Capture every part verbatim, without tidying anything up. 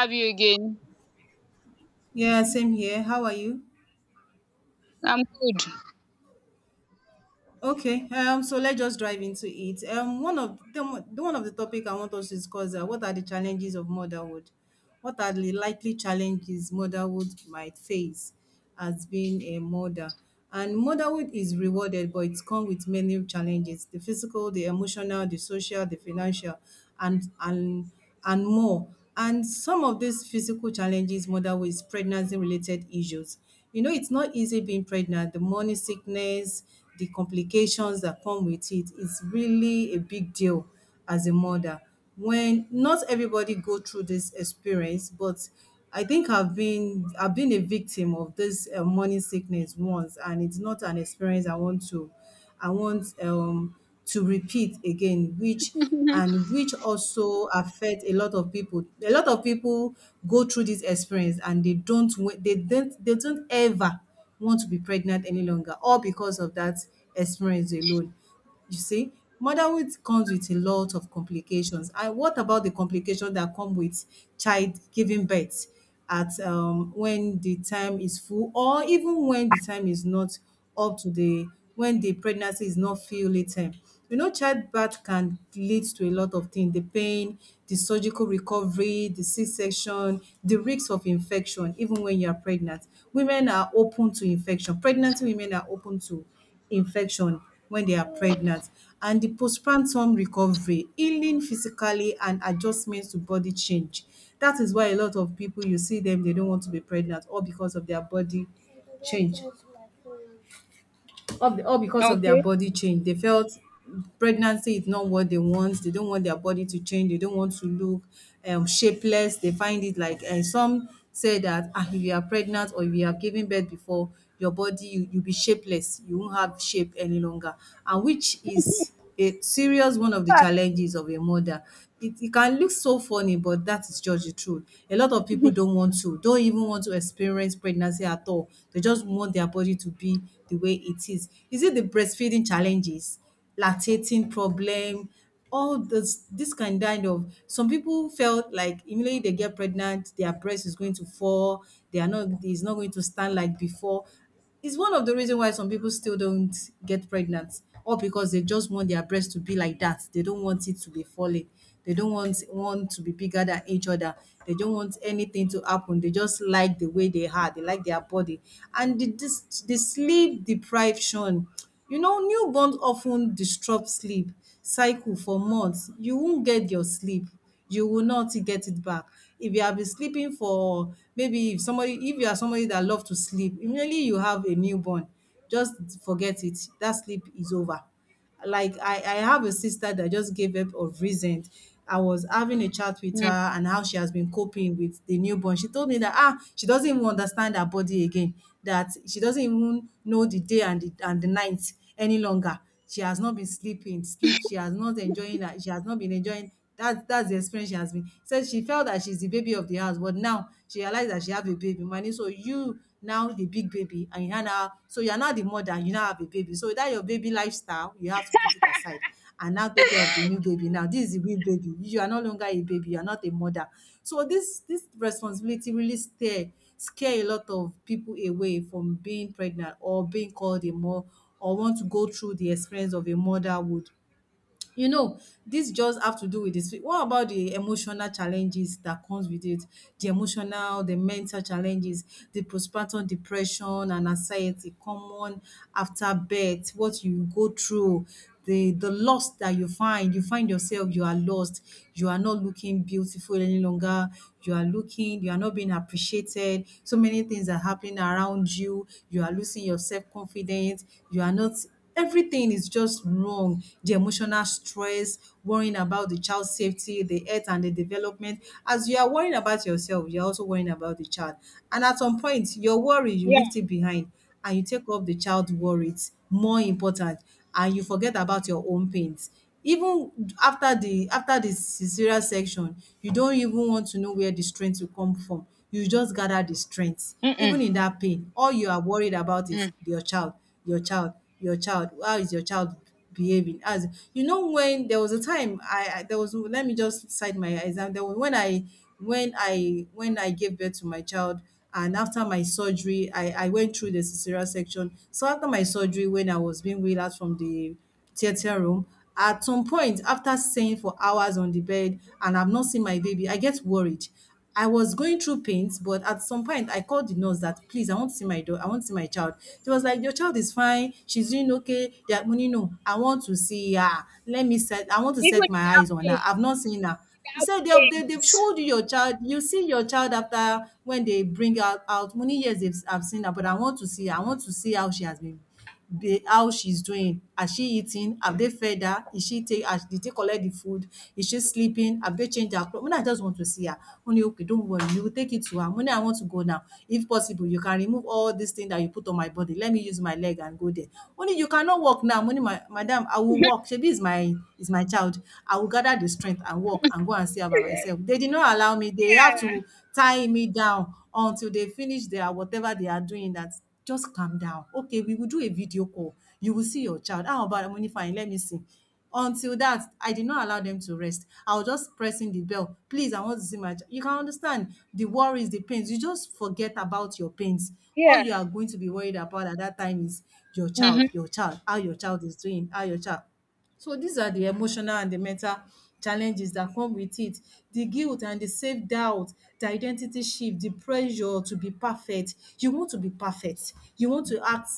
Have you again. Yeah, same here. How are you? I'm Okay. Um. So let's just dive into it. Um. One of the one of the topic I want us to discuss are what are the challenges of motherhood? What are the likely challenges motherhood might face as being a mother? And motherhood is rewarded, but it's come with many challenges: the physical, the emotional, the social, the financial, and and and more. And some of these physical challenges motherhood is pregnancy-related issues. You know, it's not easy being pregnant. The morning sickness, the complications that come with it is really a big deal as a mother. When not everybody go through this experience, but I think I've been I've been a victim of this uh, morning sickness once, and it's not an experience I want to I want um to repeat again, which good. and which also affect a lot of people. A lot of people go through this experience and they don't wa- they don't they don't ever want to be pregnant any longer, all because of that experience alone. You see, motherhood comes with a lot of complications. And what about the complications that come with child giving birth at um, when the time is full, or even when the time is not up to the when the pregnancy is not fully term? You know, childbirth can lead to a lot of things: the pain, the surgical recovery, the C-section, the risks of infection. Even when you are pregnant, women are open to infection. Pregnant women are open to infection when they are pregnant, and the postpartum recovery, healing physically and adjustments to body change. That is why a lot of people, you see them, they don't want to be pregnant all because of their body change, all all because of their Okay. body change. They felt pregnancy is not what they want. They don't want their body to change. They don't want to look um, shapeless. They find it like, and some say that ah, if you are pregnant or if you have given birth before, your body, you you'll be shapeless. You won't have shape any longer, and which is a serious one of the Yeah. challenges of a mother. It, it can look so funny, but that is just the truth. A lot of people don't want to, don't even want to experience pregnancy at all. They just want their body to be the way it is. Is it the breastfeeding challenges, lactating problem, all this this kind kind of some people felt like immediately they get pregnant, their breast is going to fall, they are not it's not going to stand like before. It's one of the reason why some people still don't get pregnant, or because they just want their breast to be like that. They don't want it to be falling. They don't want one to be bigger than each other. They don't want anything to happen. They just like the way they are. They like their body. And the, this, the sleep deprivation, you know, newborns often disrupt sleep cycle for months. You won't get your sleep, you will not get it back. If you have been sleeping for maybe if somebody if you are somebody that love to sleep, immediately you have a newborn, just forget it. That sleep is over. Like, I, I have a sister that just gave up of recent. I was having a chat with Mm, her and how she has been coping with the newborn. She told me that ah, she doesn't even understand her body again, that she doesn't even know the day and the and the night any longer. She has not been sleeping, sleep, she has not enjoying that, she has not been enjoying. That's that's the experience she has been. Said she felt that she's the baby of the house, but now she realized that she have a baby. Many, so you now the big baby and you are now so you are now the mother, you now have a baby. So that your baby lifestyle, you have to put it aside and now take care of the new baby. Now this is the real baby. You are no longer a baby, you are not a mother. So this this responsibility really scare scare a lot of people away from being pregnant or being called a mom or want to go through the experience of a motherhood. You know, this just have to do with this. What about the emotional challenges that comes with it? The emotional, the mental challenges, the postpartum depression and anxiety common after birth, what you go through, the the loss that you find. You find yourself, you are lost. You are not looking beautiful any longer. You are looking, you are not being appreciated. So many things are happening around you. You are losing your self-confidence. You are not Everything is just wrong. The emotional stress, worrying about the child's safety, the health and the development. As you are worrying about yourself, you're also worrying about the child. And at some point, your worry, you yeah. left it behind and you take up the child worries, more important, and you forget about your own pains. Even after the after the cesarean section, you don't even want to know where the strength will come from. You just gather the strength. Even Mm-mm. in that pain, all you are worried about is Mm. your child, your child, your child. How is your child behaving? As you know, when there was a time I, I there was let me just cite my example. There was when I when I when I gave birth to my child and after my surgery, I I went through the cesarean section. So after my surgery, when I was being wheeled out from the theater room, at some point, after staying for hours on the bed and I've not seen my baby, I get worried. I was going through pains, but at some point I called the nurse that, please, I want to see my daughter, I want to see my child. She was like, your child is fine, she's doing okay. They are money, no, I want to see her. Let me set I want to Even set my with that eyes on pain, her. I've not seen her. He that said, they, have they they've pains. showed you your child. You see your child after when they bring her out. Many years they've I've seen her, but I want to see her. I want to see how she has been, the how she's doing. Has she eating? Have they fed her? Is she take has did they collect the food? Is she sleeping? Have they changed her clothes? Mo I just want to see her. Only okay, don't worry, you will take it to her. Mo I want to go now. If possible, you can remove all this thing that you put on my body. Let me use my leg and go there. Only you cannot walk now. Mo My madam, I will Yeah. walk. Shebi is my, is my child. I will gather the strength and walk and go and see her by myself. They did not allow me. They have to tie me down until they finish their whatever they are doing that, just calm down. Okay, we will do a video call. You will see your child. How about money? Fine, let me see. Until that, I did not allow them to rest. I was just pressing the bell. Please, I want to see my child. You can understand the worries, the pains. You just forget about your pains. All Yeah. you are going to be worried about at that time is your child, Mm-hmm. your child, how your child is doing, how your child. So these are the emotional and the mental challenges that come with it. The guilt and the self-doubt, the identity shift, the pressure to be perfect. You want to be perfect. You want to act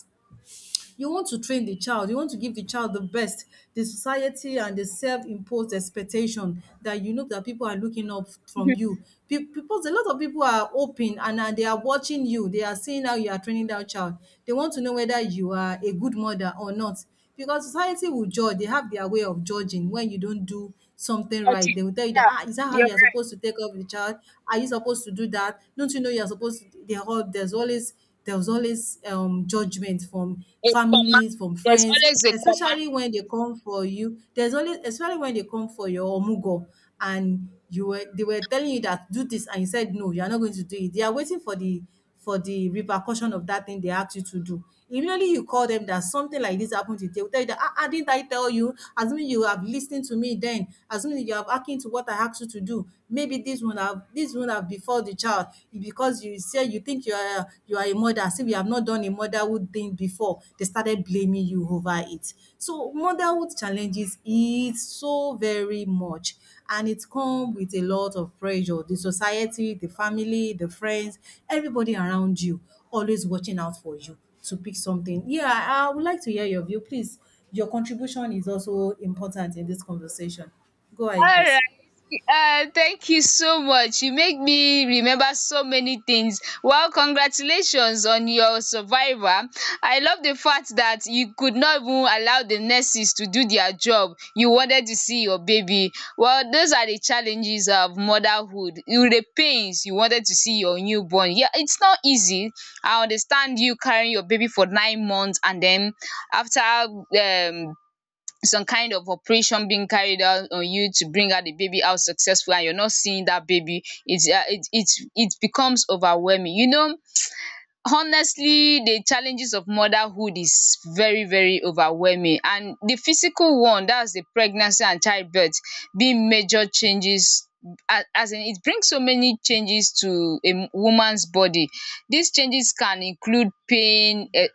you want to train the child, you want to give the child the best. The society and the self-imposed expectation that, you know, that people are looking up from you. Pe- Because a lot of people are open and uh, they are watching you. They are seeing how you are training that child. They want to know whether you are a good mother or not. Because society will judge. They have their way of judging when you don't do something right. They will tell you that, Yeah. ah, is that how You're you are right. supposed to take care of the child? Are you supposed to do that? Don't you know you are supposed to? They are all, there's always there was always um judgment from A comma. families, from There's friends, always a comma. especially when they come for you. There's always especially when they come for your omugo and you were they were telling you that do this and you said no, you are not going to do it. They are waiting for the for the repercussion of that thing they asked you to do. Immediately you call them that something like this happened to you, they will tell you that ah, ah, didn't I tell you? Assuming you have listened to me then, assuming you have acting to what I asked you to do, maybe this would have this would have before for the child because you say you think you are you are a mother say you have not done a motherhood thing before they started blaming you over it. So motherhood challenges it so very much, and it comes with a lot of pressure, the society, the family, the friends, everybody around you, always watching out for you to pick something. Yeah i I would like to hear your view please. Your contribution is also important in this conversation. Go All ahead please. right. Uh, thank you so much. You make me remember so many things. Well, congratulations on your survivor. I love the fact that you could not even allow the nurses to do their job. You wanted to see your baby. Well, those are the challenges of motherhood. You, the pains, you wanted to see your newborn. Yeah, it's not easy. I understand you carrying your baby for nine months and then after um some kind of operation being carried out on you to bring out the baby out successful, and you're not seeing that baby. It's uh, it it it becomes overwhelming, you know. Honestly, the challenges of motherhood is very, very overwhelming. And the physical one, that's the pregnancy and childbirth being major changes. As as in it brings so many changes to a m- woman's body. These changes can include pain, eh,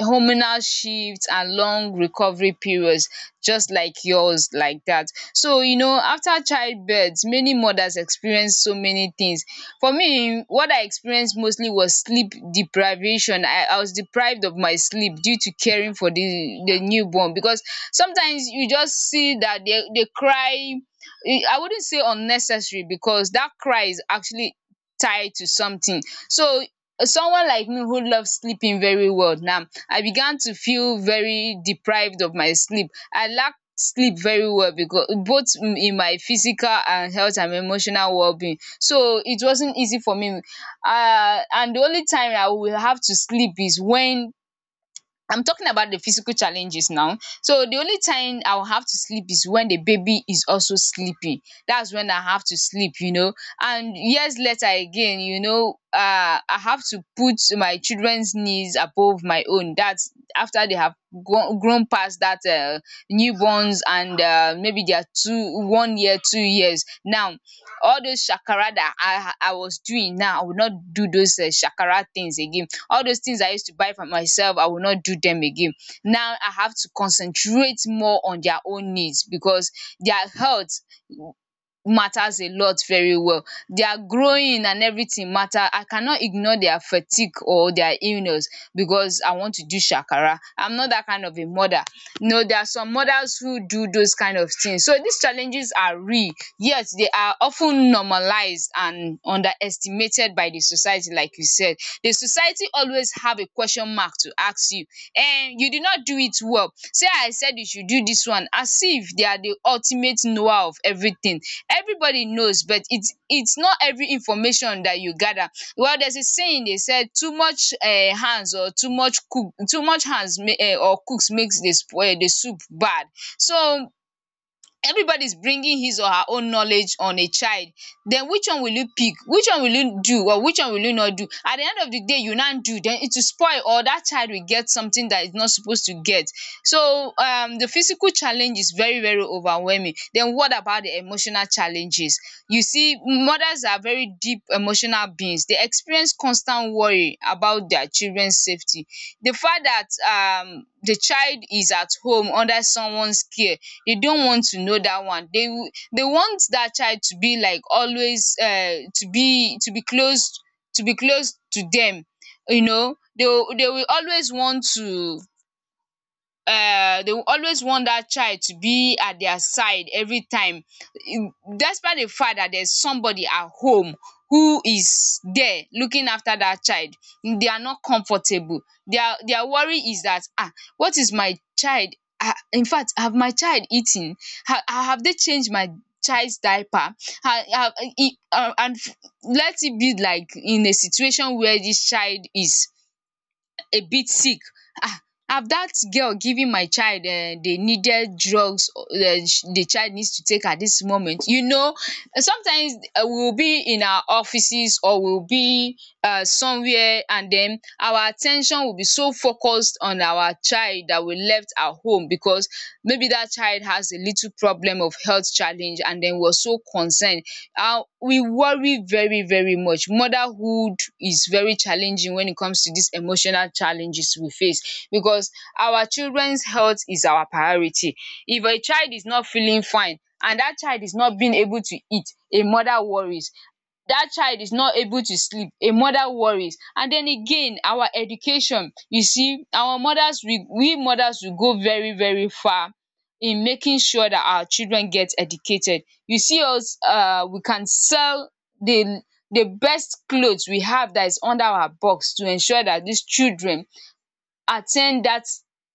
hormonal shifts and long recovery periods, just like yours, like that. So you know, after childbirth, many mothers experience so many things. For me, what I experienced mostly was sleep deprivation. I i was deprived of my sleep due to caring for the the newborn, because sometimes you just see that they they cry. Eh, i wouldn't say unnecessary, because that cry is actually tied to something. So someone like me who loves sleeping very well, now I began to feel very deprived of my sleep. I lack sleep very well, because both m- in my physical and health and emotional wellbeing. So it wasn't easy for me. Um and the only time I will have to sleep is when — I'm talking about the physical challenges now. So the only time I'll have to sleep is when the baby is also sleeping. That's when I have to sleep, you know. And years later again, you know, uh, I have to put my children's needs above my own. That's after they have grown, grown past that uh, newborns, and uh, maybe they are two, one year, two years. Now all those shakara that I I was doing, now I will not do those um shakara things again. All those things I used to buy for myself, I will not do them again. Now I have to concentrate more on their own needs, because their health matters a lot very well. Their growing and everything matter. I cannot ignore their fatigue or their illness because I want to do shakara. I'm not that kind of a mother. No, there are some mothers who do those kind of things. So these challenges are real, yet they are often normalized and underestimated by the society, like you said. The society always have a question mark to ask you. Um you did not do it well, say I said you should do this one, as if they are the ultimate knower of everything. Everybody knows, but it's it's not every information that you gather. Well, there's a saying, they said too much um hands, or too much cook, too much hands, um or cooks, makes the spoil the soup bad. So everybody's bringing his or her own knowledge on a child. Then which one will you pick? Which one will you do, or which one will you not do? At the end of the day, you not do, then it will spoil, or that child will get something that is not supposed to get. So um the physical challenge is very, very overwhelming. Then what about the emotional challenges? You see, mothers are very deep emotional beings. They experience constant worry about their children's safety. The fact that um the child is at home under someone's care, they don't want to know that one. They w- they want that child to be like always, uh, to be, to be close, to be close to them. You know, they will they will always want to — um they will always want that child to be at their side every time, despite the fact that there's somebody at home who is there looking after that child. They are not comfortable. Their their worry is that, um what is my child, um infact, have my child eaten, ha have they changed my child's diaper? Ha ha. E and let it be like, in a situation where this child is a bit sick. Ah, have dat girl given my child um the needed drugs, um the child needs to take at dis moment, you know. Sometimes, eh, we will be in our offices, or we will be um somewhere, and den our at ten tion will be so focused on our child that we left our home, because maybe dat child has a little problem of health challenge, and den we were so concerned. Uh we worry very, very much. Motherhood is very challenging when it comes to these emotional challenges we face, because our children's health is our priority. If a child is not feeling fine and that child is not being able to eat, a mother worries. That child is not able to sleep, a mother worries. And then again, our education. You see, our mothers, we we mothers, we go very, very far in making sure that our children get educated. You see us. Uh, we can sell the the best clothes we have that is under our box to ensure that these children attend that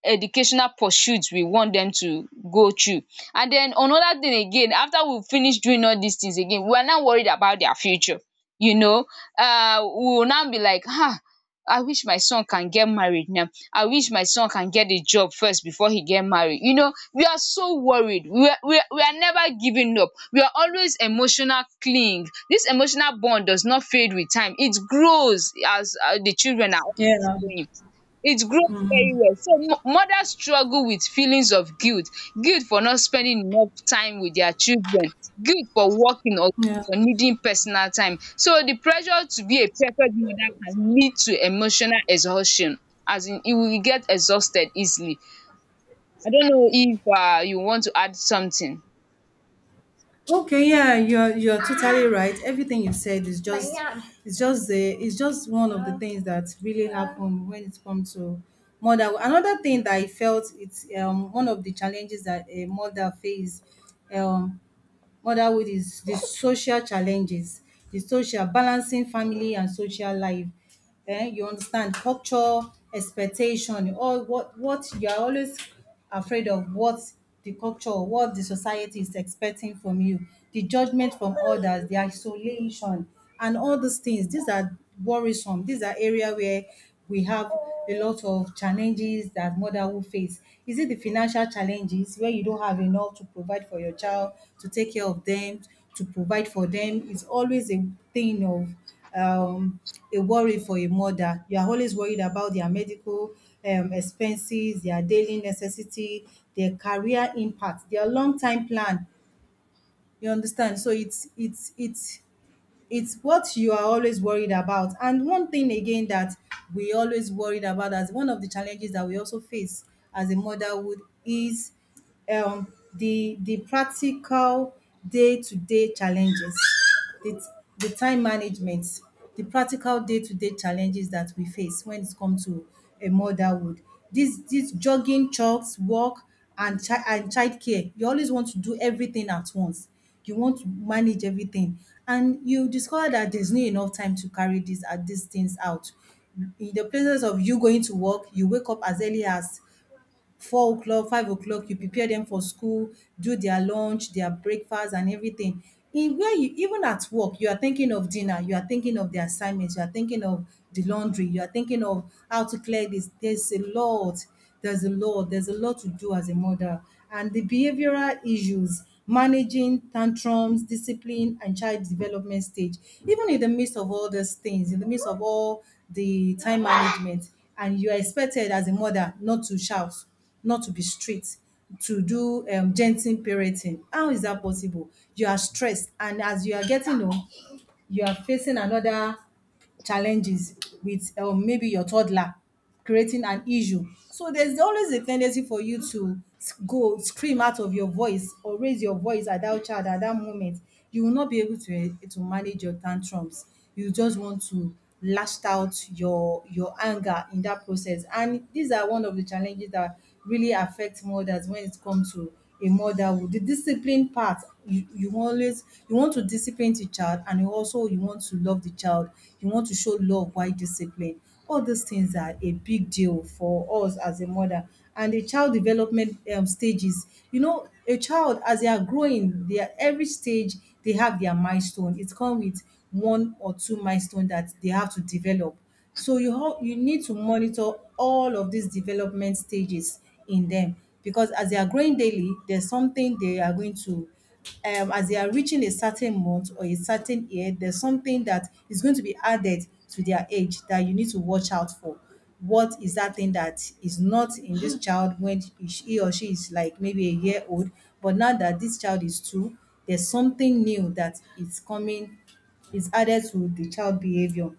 educational pursuit we want them to go through. And then another thing again, after we finish doing all these things, again we are now worried about their future, you know. Um we will now be like, "Ah, I wish my son can get married now, I wish my son can get a job first before he get married." You know, we are so worried. We are we are we are never giving up. We are always emotional cling. This emotional bond does not fade with time. It grows as, uh, the children are — Yeah, it grows very well. So mo- mothers struggle with feelings of guilt, guilt for not spending enough time with their children, guilt for working, or guilt yeah. for needing personal time. So the pressure to be a perfect mother can lead to emotional exhaustion, as in you will get exhausted easily. I don't know if um you want to add something. Okay, yeah, you're you're totally right. Everything you said is just Banana. It's just the it's just one of the things that really happen when it comes to mother. Another thing that I felt it's um one of the challenges that a mother face, um motherhood, is the social challenges, the social balancing family and social life. Eh, you understand culture, expectation, all what what you are always afraid of, what the culture, what the society is expecting from you, the judgment from others, the isolation and all these things. These are worrisome. These are area where we have a lot of challenges that mother will face. Is it the financial challenges where you don't have enough to provide for your child, to take care of them, to provide for them? It's always a thing of um, a worry for a mother. You are always worried about their medical um, expenses, their daily necessity, their career impact, their long time plan. You understand? So it's it's it's it's what you are always worried about. And one thing again that we always worried about as one of the challenges that we also face as a motherhood is, um, the the practical day to day challenges, the, the time management, the practical day to day challenges that we face when it comes to a motherhood. This this jogging, chores, work, and chi- and child care. You always want to do everything at once, you want to manage everything, and you discover that there's not enough time to carry this uh, these things out. In the places of you going to work, you wake up as early as four o'clock, five o'clock. You prepare them for school, do their lunch, their breakfast and everything. In where you even at work, you are thinking of dinner, you are thinking of the assignments, you are thinking of the laundry, you are thinking of how to clear this. There's a lot, there's a lot, there's a lot to do as a mother. And the behavioral issues, managing tantrums, discipline, and child development stage. Even in the midst of all those things, in the midst of all the time management, and you are expected as a mother not to shout, not to be strict, to do um, gentle parenting. How is that possible? You are stressed, and as you are getting old, you are facing another challenges with um, maybe your toddler creating an issue. So there's always a tendency for you to s- go scream out of your voice or raise your voice at that child at that moment. You will not be able to eh, to manage your tantrums. You just want to lashed out your your anger in that process. And these are one of the challenges that really affect mothers when it comes to a motherhood. The discipline part, you, you always you want to discipline the child and you also you want to love the child. You want to show love while discipline, all those things are a big deal for us as a mother. And the child development um, stages, you know, a child as they are growing, they are, every stage they have their milestone. It come with one or two milestone that they have to develop. So you ho- you need to monitor all of these development stages in them because as they are growing daily, there's something they are going to, um, as they are reaching a certain month or a certain year, there's something that is going to be added to their age that you need to watch out for. What is that thing that is not in this child when he or she is like maybe a year old, but now that this child is two, there's something new that is coming, is added to the child behavior,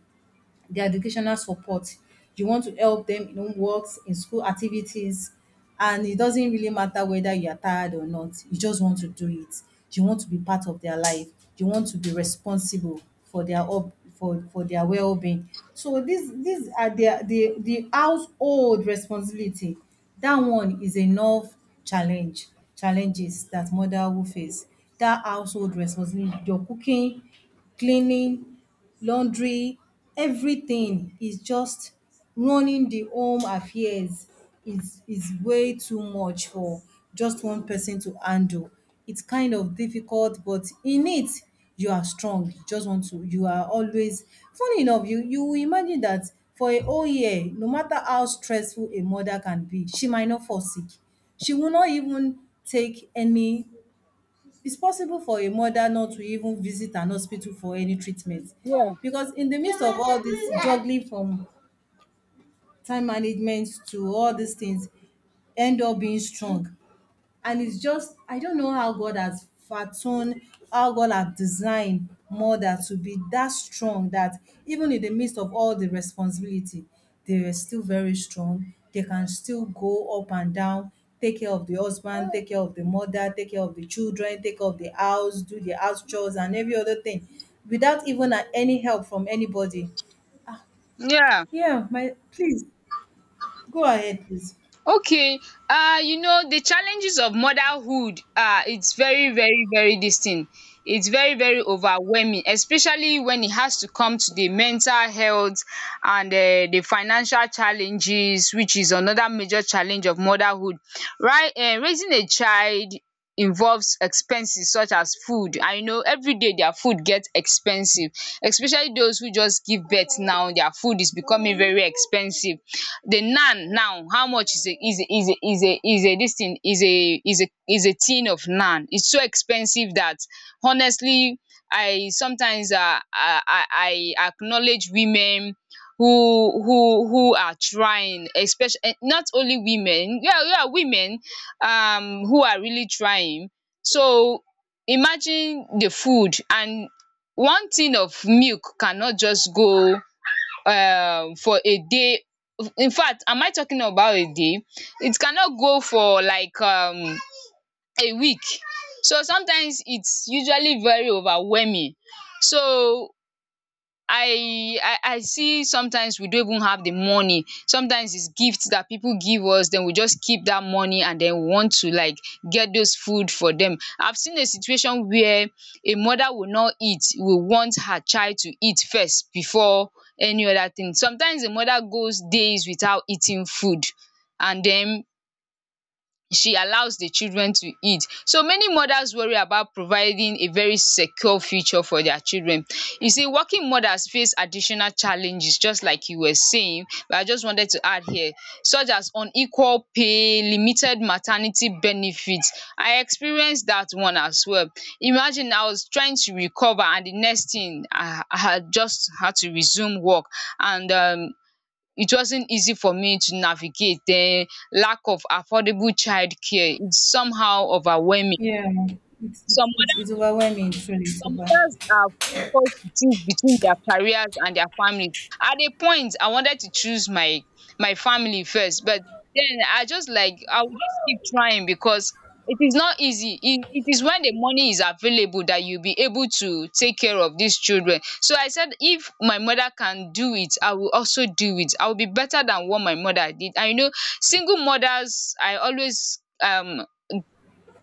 their educational support. You want to help them in homeworks, in school activities, and it doesn't really matter whether you are tired or not. You just want to do it. You want to be part of their life. You want to be responsible for their up for for their well-being. So these these are their the the household responsibility. That one is enough challenge challenges that mother will face. That household responsibility, your cooking, cleaning, laundry, everything is just running the home affairs is is way too much for just one person to handle. It's kind of difficult, but in it you are strong. You just want to you are always funny enough, you you will imagine that for a whole year, no matter how stressful a mother can be, she might not fall sick. She will not even take any, it's possible for a mother not to even visit an hospital for any treatment Yeah. because in the midst of all this juggling from time management to all these things, end up being strong. And it's just I don't know how god has fathomed, how god has designed mother to be that strong that even in the midst of all the responsibility, they were still very strong. They can still go up and down, take care of the husband, take care of the mother, take care of the children, take care of the house, do the house chores and every other thing, without even uh, any help from anybody. Yeah. Yeah, my please, go ahead please. Okay, uh, you know, the challenges of motherhood, uh, it's very, very, very this thing. It's very, very overwhelming, especially when it has to come to the mental health and uh, the financial challenges, which is another major challenge of motherhood. Right, uh, raising a child involves expenses such as food. I know every day their food gets expensive, especially those who just give birth now. Their food is becoming very expensive. The naan now, how much is a is a is a is a is a this thing is a is a is a tin of naan? It's so expensive that, honestly, I sometimes um I I I acknowledge women who who who are trying, especially eh, not only women, yeah, yeah, women um who are really trying. So imagine the food, and one tin of milk cannot just go um for a day. In fact, am I talking about a day? It cannot go for like um a week. So sometimes it's usually very overwhelming. So I, I I see, sometimes we don't even have the money. Sometimes it's gifts that people give us, then we just keep that money and then we want to like get those food for them. I've seen a situation where a mother will not eat, will want her child to eat first before any other thing. Sometimes the mother goes days without eating food, and then she allows the children to eat. So many mothers worry about providing a very secure future for their children. You see, working mothers face additional challenges, just like you were saying, but I just wanted to add here, such as unequal pay, limited maternity benefits. I experienced that one as well. Imagine I was trying to recover and the next thing, I I had just had to resume work, and um it wasn't easy for me to navigate. The lack of affordable childcare is somehow overwhelming. Yeah, it's it's Some it's, it's overwhelming truly, it's some over. mothers are forced to choose between their careers and their families. At a point, I wanted to choose my, my family first, but then I just like, I will just keep trying, because it is not easy. It, it is when the money is available that you'll be able to take care of these children. So I said, if my mother can do it, I will also do it. I will be better than what my mother did. And you know, single mothers, I always um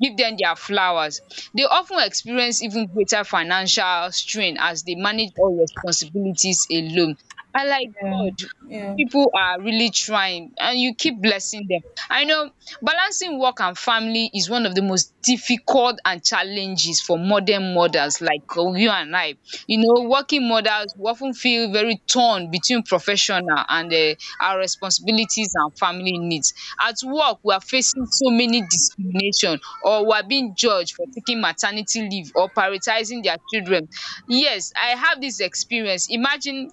give them their flowers. They often experience even greater financial strain as they manage all responsibilities alone. I like Yeah, God, yeah, people are really trying and you keep blessing them. I know balancing work and family is one of the most difficult and challenges for modern mothers like uh, you and I. You know working mothers will of feel very torn between professional and um our responsibilities and family needs. At work we are facing so many discrimination or were being judged for taking maternity leave or prioritizing their children. Yes, I have this experience. Imagine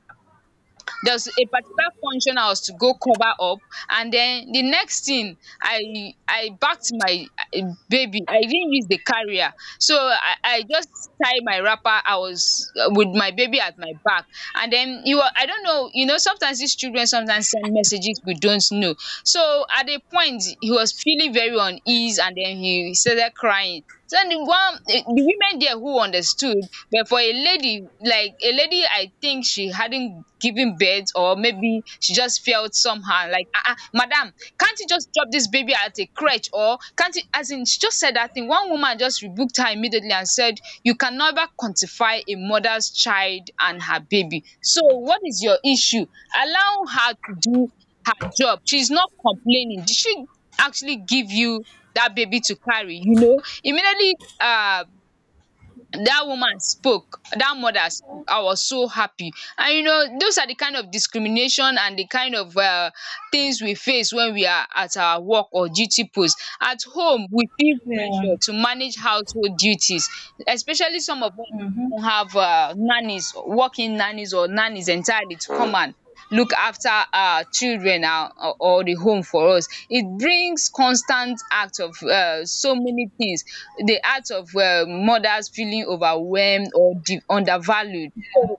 there's a particular function I was to go cover up, and then the next thing I I backed my eh, baby. I didn't use the carrier, so I, I just tie my wrapper. I was uh, with my baby at my back. And then you are, I don't know, you know sometimes these children sometimes send messages we don't know. So at a point he was feeling very uneasy, and then he started crying. So the one eh, the women there who understood, but for a lady, like a lady, I think she hadn't given birth, or maybe she just felt somehow like, ah, ah, madam, can't you just drop this baby at a crutch, or can't you? As in, she just said that thing. One woman just rebuked her immediately and said, "You can never quantify a mother's child and her baby. So what is your issue? Allow her to do her job. She's not complaining. Did she actually give you that baby to carry? You know, immediately." Uh, that woman spoke, that mother spoke, I was so happy. And you know those are the kind of discrimination and the kind of uh, things we face when we are at our work or duty post. At home we feel yeah, pressure to manage household duties, especially some of us who have uh, nannies, working nannies or nannies entirely to come and look after our children, or, or or the home for us. It brings constant act of uh, so many things, the heart of um mothers feeling overwhelmed or de undervalued. So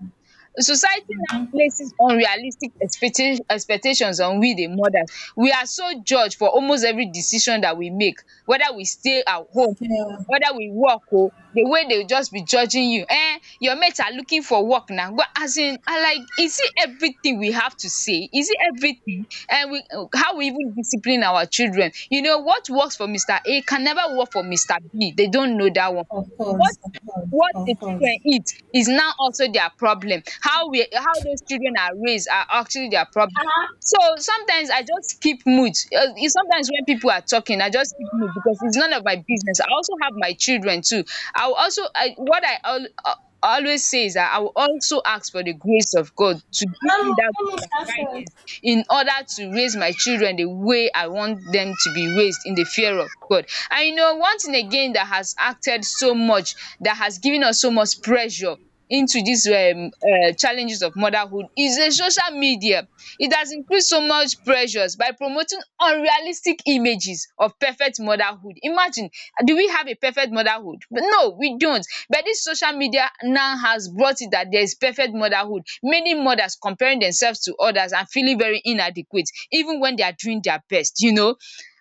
society now places unrealistic expecta expectations on we the mothers. We are so judged for almost every decision that we make, whether we stay at home, yeah. whether we work o, the way they just be judging you. Eh, your mates are looking for work now, but as in I like is it everything we have to say? Is it everything? And we how we even discipline our children. You know what works for Mister A can never work for Mister B. They don't know that one. Of what course, of course, what the of children course. eat is now also their problem. How we how those children are raised are actually their problem. So sometimes I just keep mute, uh, e- sometimes when people are talking I just keep mute because it's none of my business. I also have my children too. I will also I, what i al- uh, always say is that I will also ask for the grace of God to give Um, me that let grace me and start. guidance in order to raise my children the way I want them to be raised in the fear of God. And you know, one thing again that has acted so much, that has given us so much pressure into these um um challenges of motherhood is the social media. It has increased so much pressures by promoting unrealistic images of perfect motherhood. Imagine, do we have a perfect motherhood? But no, we don't. But this social media now has brought it that there is perfect motherhood. Many mothers comparing themselves to others and feeling very inadequate even when they are doing their best, you know.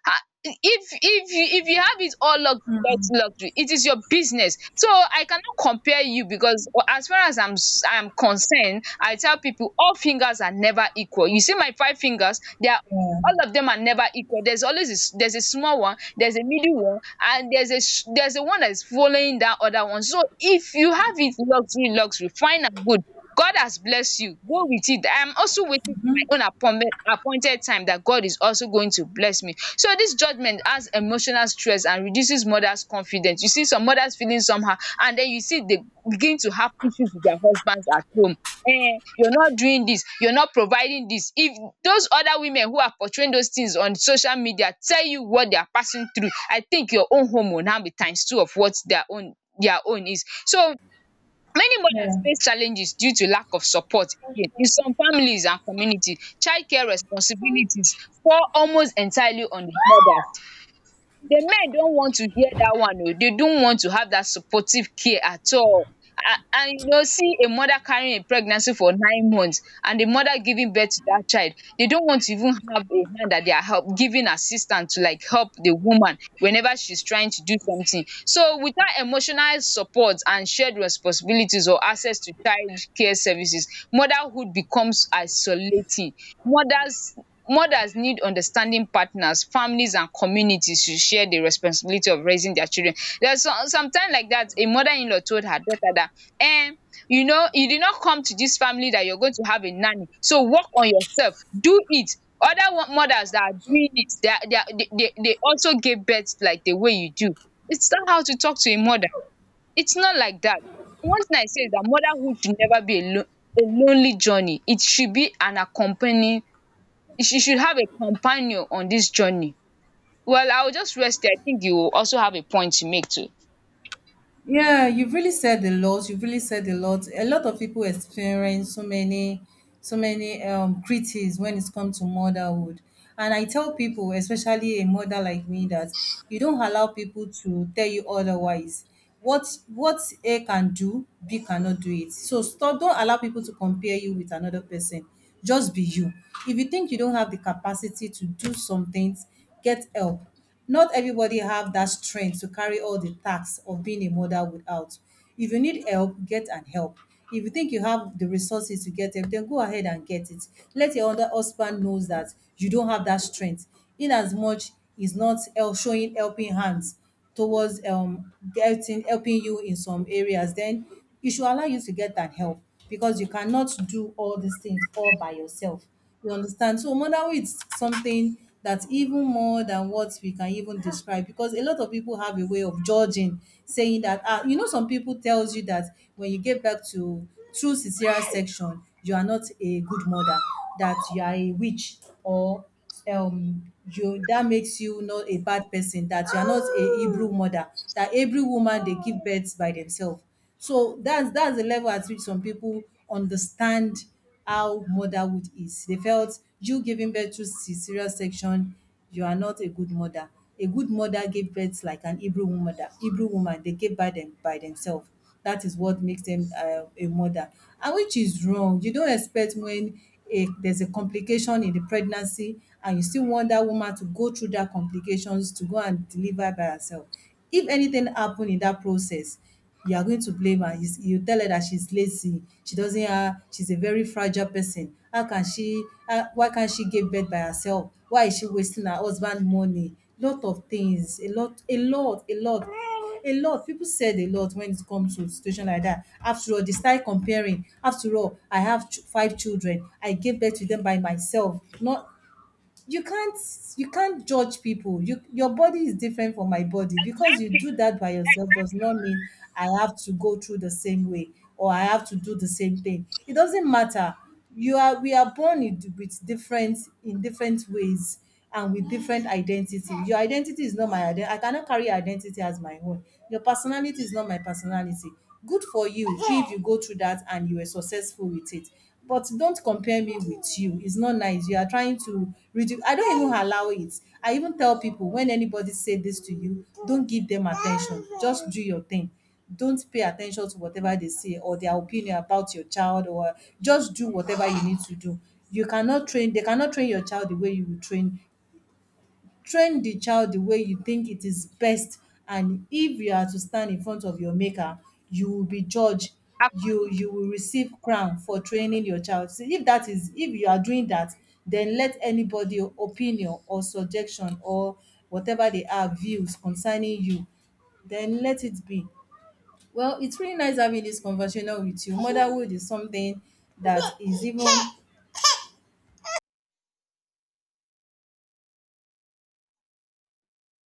Ah, if if you if you have it all luxury luxury, it is your business. So I cannot compare you, because as far as i'm s- i'm concerned, I tell people all fingers are never equal. You see my five fingers, they are Yeah, all of them are never equal. There's always a, s- there's a small one, there's a middle one, and there's a sh- there's a one that's following that other one. So if you have it luxury luxury, fine and good. God has blessed you. Go with it. I am also waiting for my own appointment, appointed time that God is also going to bless me. So this judgment has emotional stress and reduces mothers' confidence. You see some mothers feeling somehow, and then you see they begin to have issues with their husbands at home. Eh, you're not doing this, you're not providing this. If those other women who are portraying those things on social media tell you what they are passing through, I think your own home will now be times two of what their own their own is. So many mothers yeah. face challenges due to lack of support again in some families and communities. Childcare responsibilities fall almost entirely on di mothers. The men don't want to hear that one. Oh, they don't want to have that supportive care at all. And, and you know, see a mother carrying a pregnancy for nine months and the mother giving birth to that child. They don't want to even have a hand that they are help giving assistance to, like help the woman whenever she's trying to do something. So without emotional support and shared responsibilities or access to child care services, motherhood becomes isolating. Mothers mothers need understanding partners, families and communities to share the responsibility of raising their children. There's was some sometime like that a mother-in-law told her daughter that, um you know, you did not come to this family that you're going to have a nanny, so work on yourself, do it. Other wo mothers that are doing it, they are they are they they they also gave birth like the way you do. It's not how to talk to a mother. It's not like that. One thing I say is that motherhood should never be a lone a lonely journey. It should be an accompanying." You should you should have a companion on this journey. Well, I will just rest there. I think you also have a point to make too. Yeah, you've really said a lot. You've really said a lot. A lot of people experience so many, so many um critics when it's come to motherhood. And I tell people, especially a mother like me, that you don't allow people to tell you otherwise. What what A can do, B cannot do it. So stop, don't allow people to compare you with another person. Just be you. If you think you don't have the capacity to do some things, get help. Not everybody have that strength to carry all the tasks of being a mother without. If you need help, get and help. If you think you have the resources to get help, then go ahead and get it. Let your other husband knows that you don't have that strength. In as much is not el- showing helping hands towards um getting helping you in some areas, then it should allow you to get that help because you cannot do all these things all by yourself. You understand? So motherhood is something that's even more than what we can even describe because a lot of people have a way of judging, saying that ah, you know, some people tells you that when you get back to through cesarean section, you are not a good mother, that you are a witch or um you that makes you not a bad person, that you are not a Hebrew mother, that Hebrew woman dey give birth by themselves. So that's that's the level at which some people understand how motherhood is. They felt you giving birth through cesarean section, you are not a good mother. A good mother gave birth like an Hebrew woman. That Hebrew woman, they gave by them by themselves. That is what makes them uh, a mother, and which is wrong. You don't expect when a, there's a complication in the pregnancy, and you still want that woman to go through that complications to go and deliver by herself. If anything happen in that process, you are going to blame her. You, s- you tell her that she's lazy. She doesn't have, she's a very fragile person. How can she, how, why can't she give birth by herself? Why is she wasting her husband money? Lot of things, a lot, a lot, a lot, a lot. People said a lot when it comes to situation like that. After all, they start comparing. After all, I have ch- five children. I gave birth to them by myself. Not you can't you can't judge people. You, your body is different from my body. Because you do that by yourself does not mean I have to go through the same way or I have to do the same thing. It doesn't matter. You are We are born in- with different, in different ways, and with different identity. Your identity is not my identity. I cannot carry your identity as my own. Your personality is not my personality. Good for you if you go through that and you were successful with it, but don't compare me with you. It's not nice. You are trying to reduce. I don't even allow it. I even tell people when anybody say this to you, don't give them attention. Just do your thing. Don't pay attention to whatever they say or their opinion about your child, or just do whatever you need to do. You cannot train, they cannot train your child the way you will train, train the child the way you think it is best. And if you are to stand in front of your maker, you will be judged. You you will receive crown for training your child. See, if that is, if you are doing that, then let anybody opinion or suggestion or whatever they are views concerning you, then let it be. Well, it's really nice having this conversation with you. Motherhood is something that is even,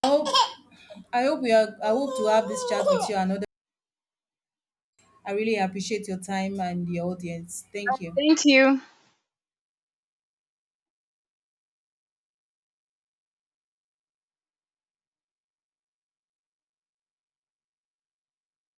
I hope, I hope we are I hope to have this chat with you another. I really appreciate your time and the audience. Thank you.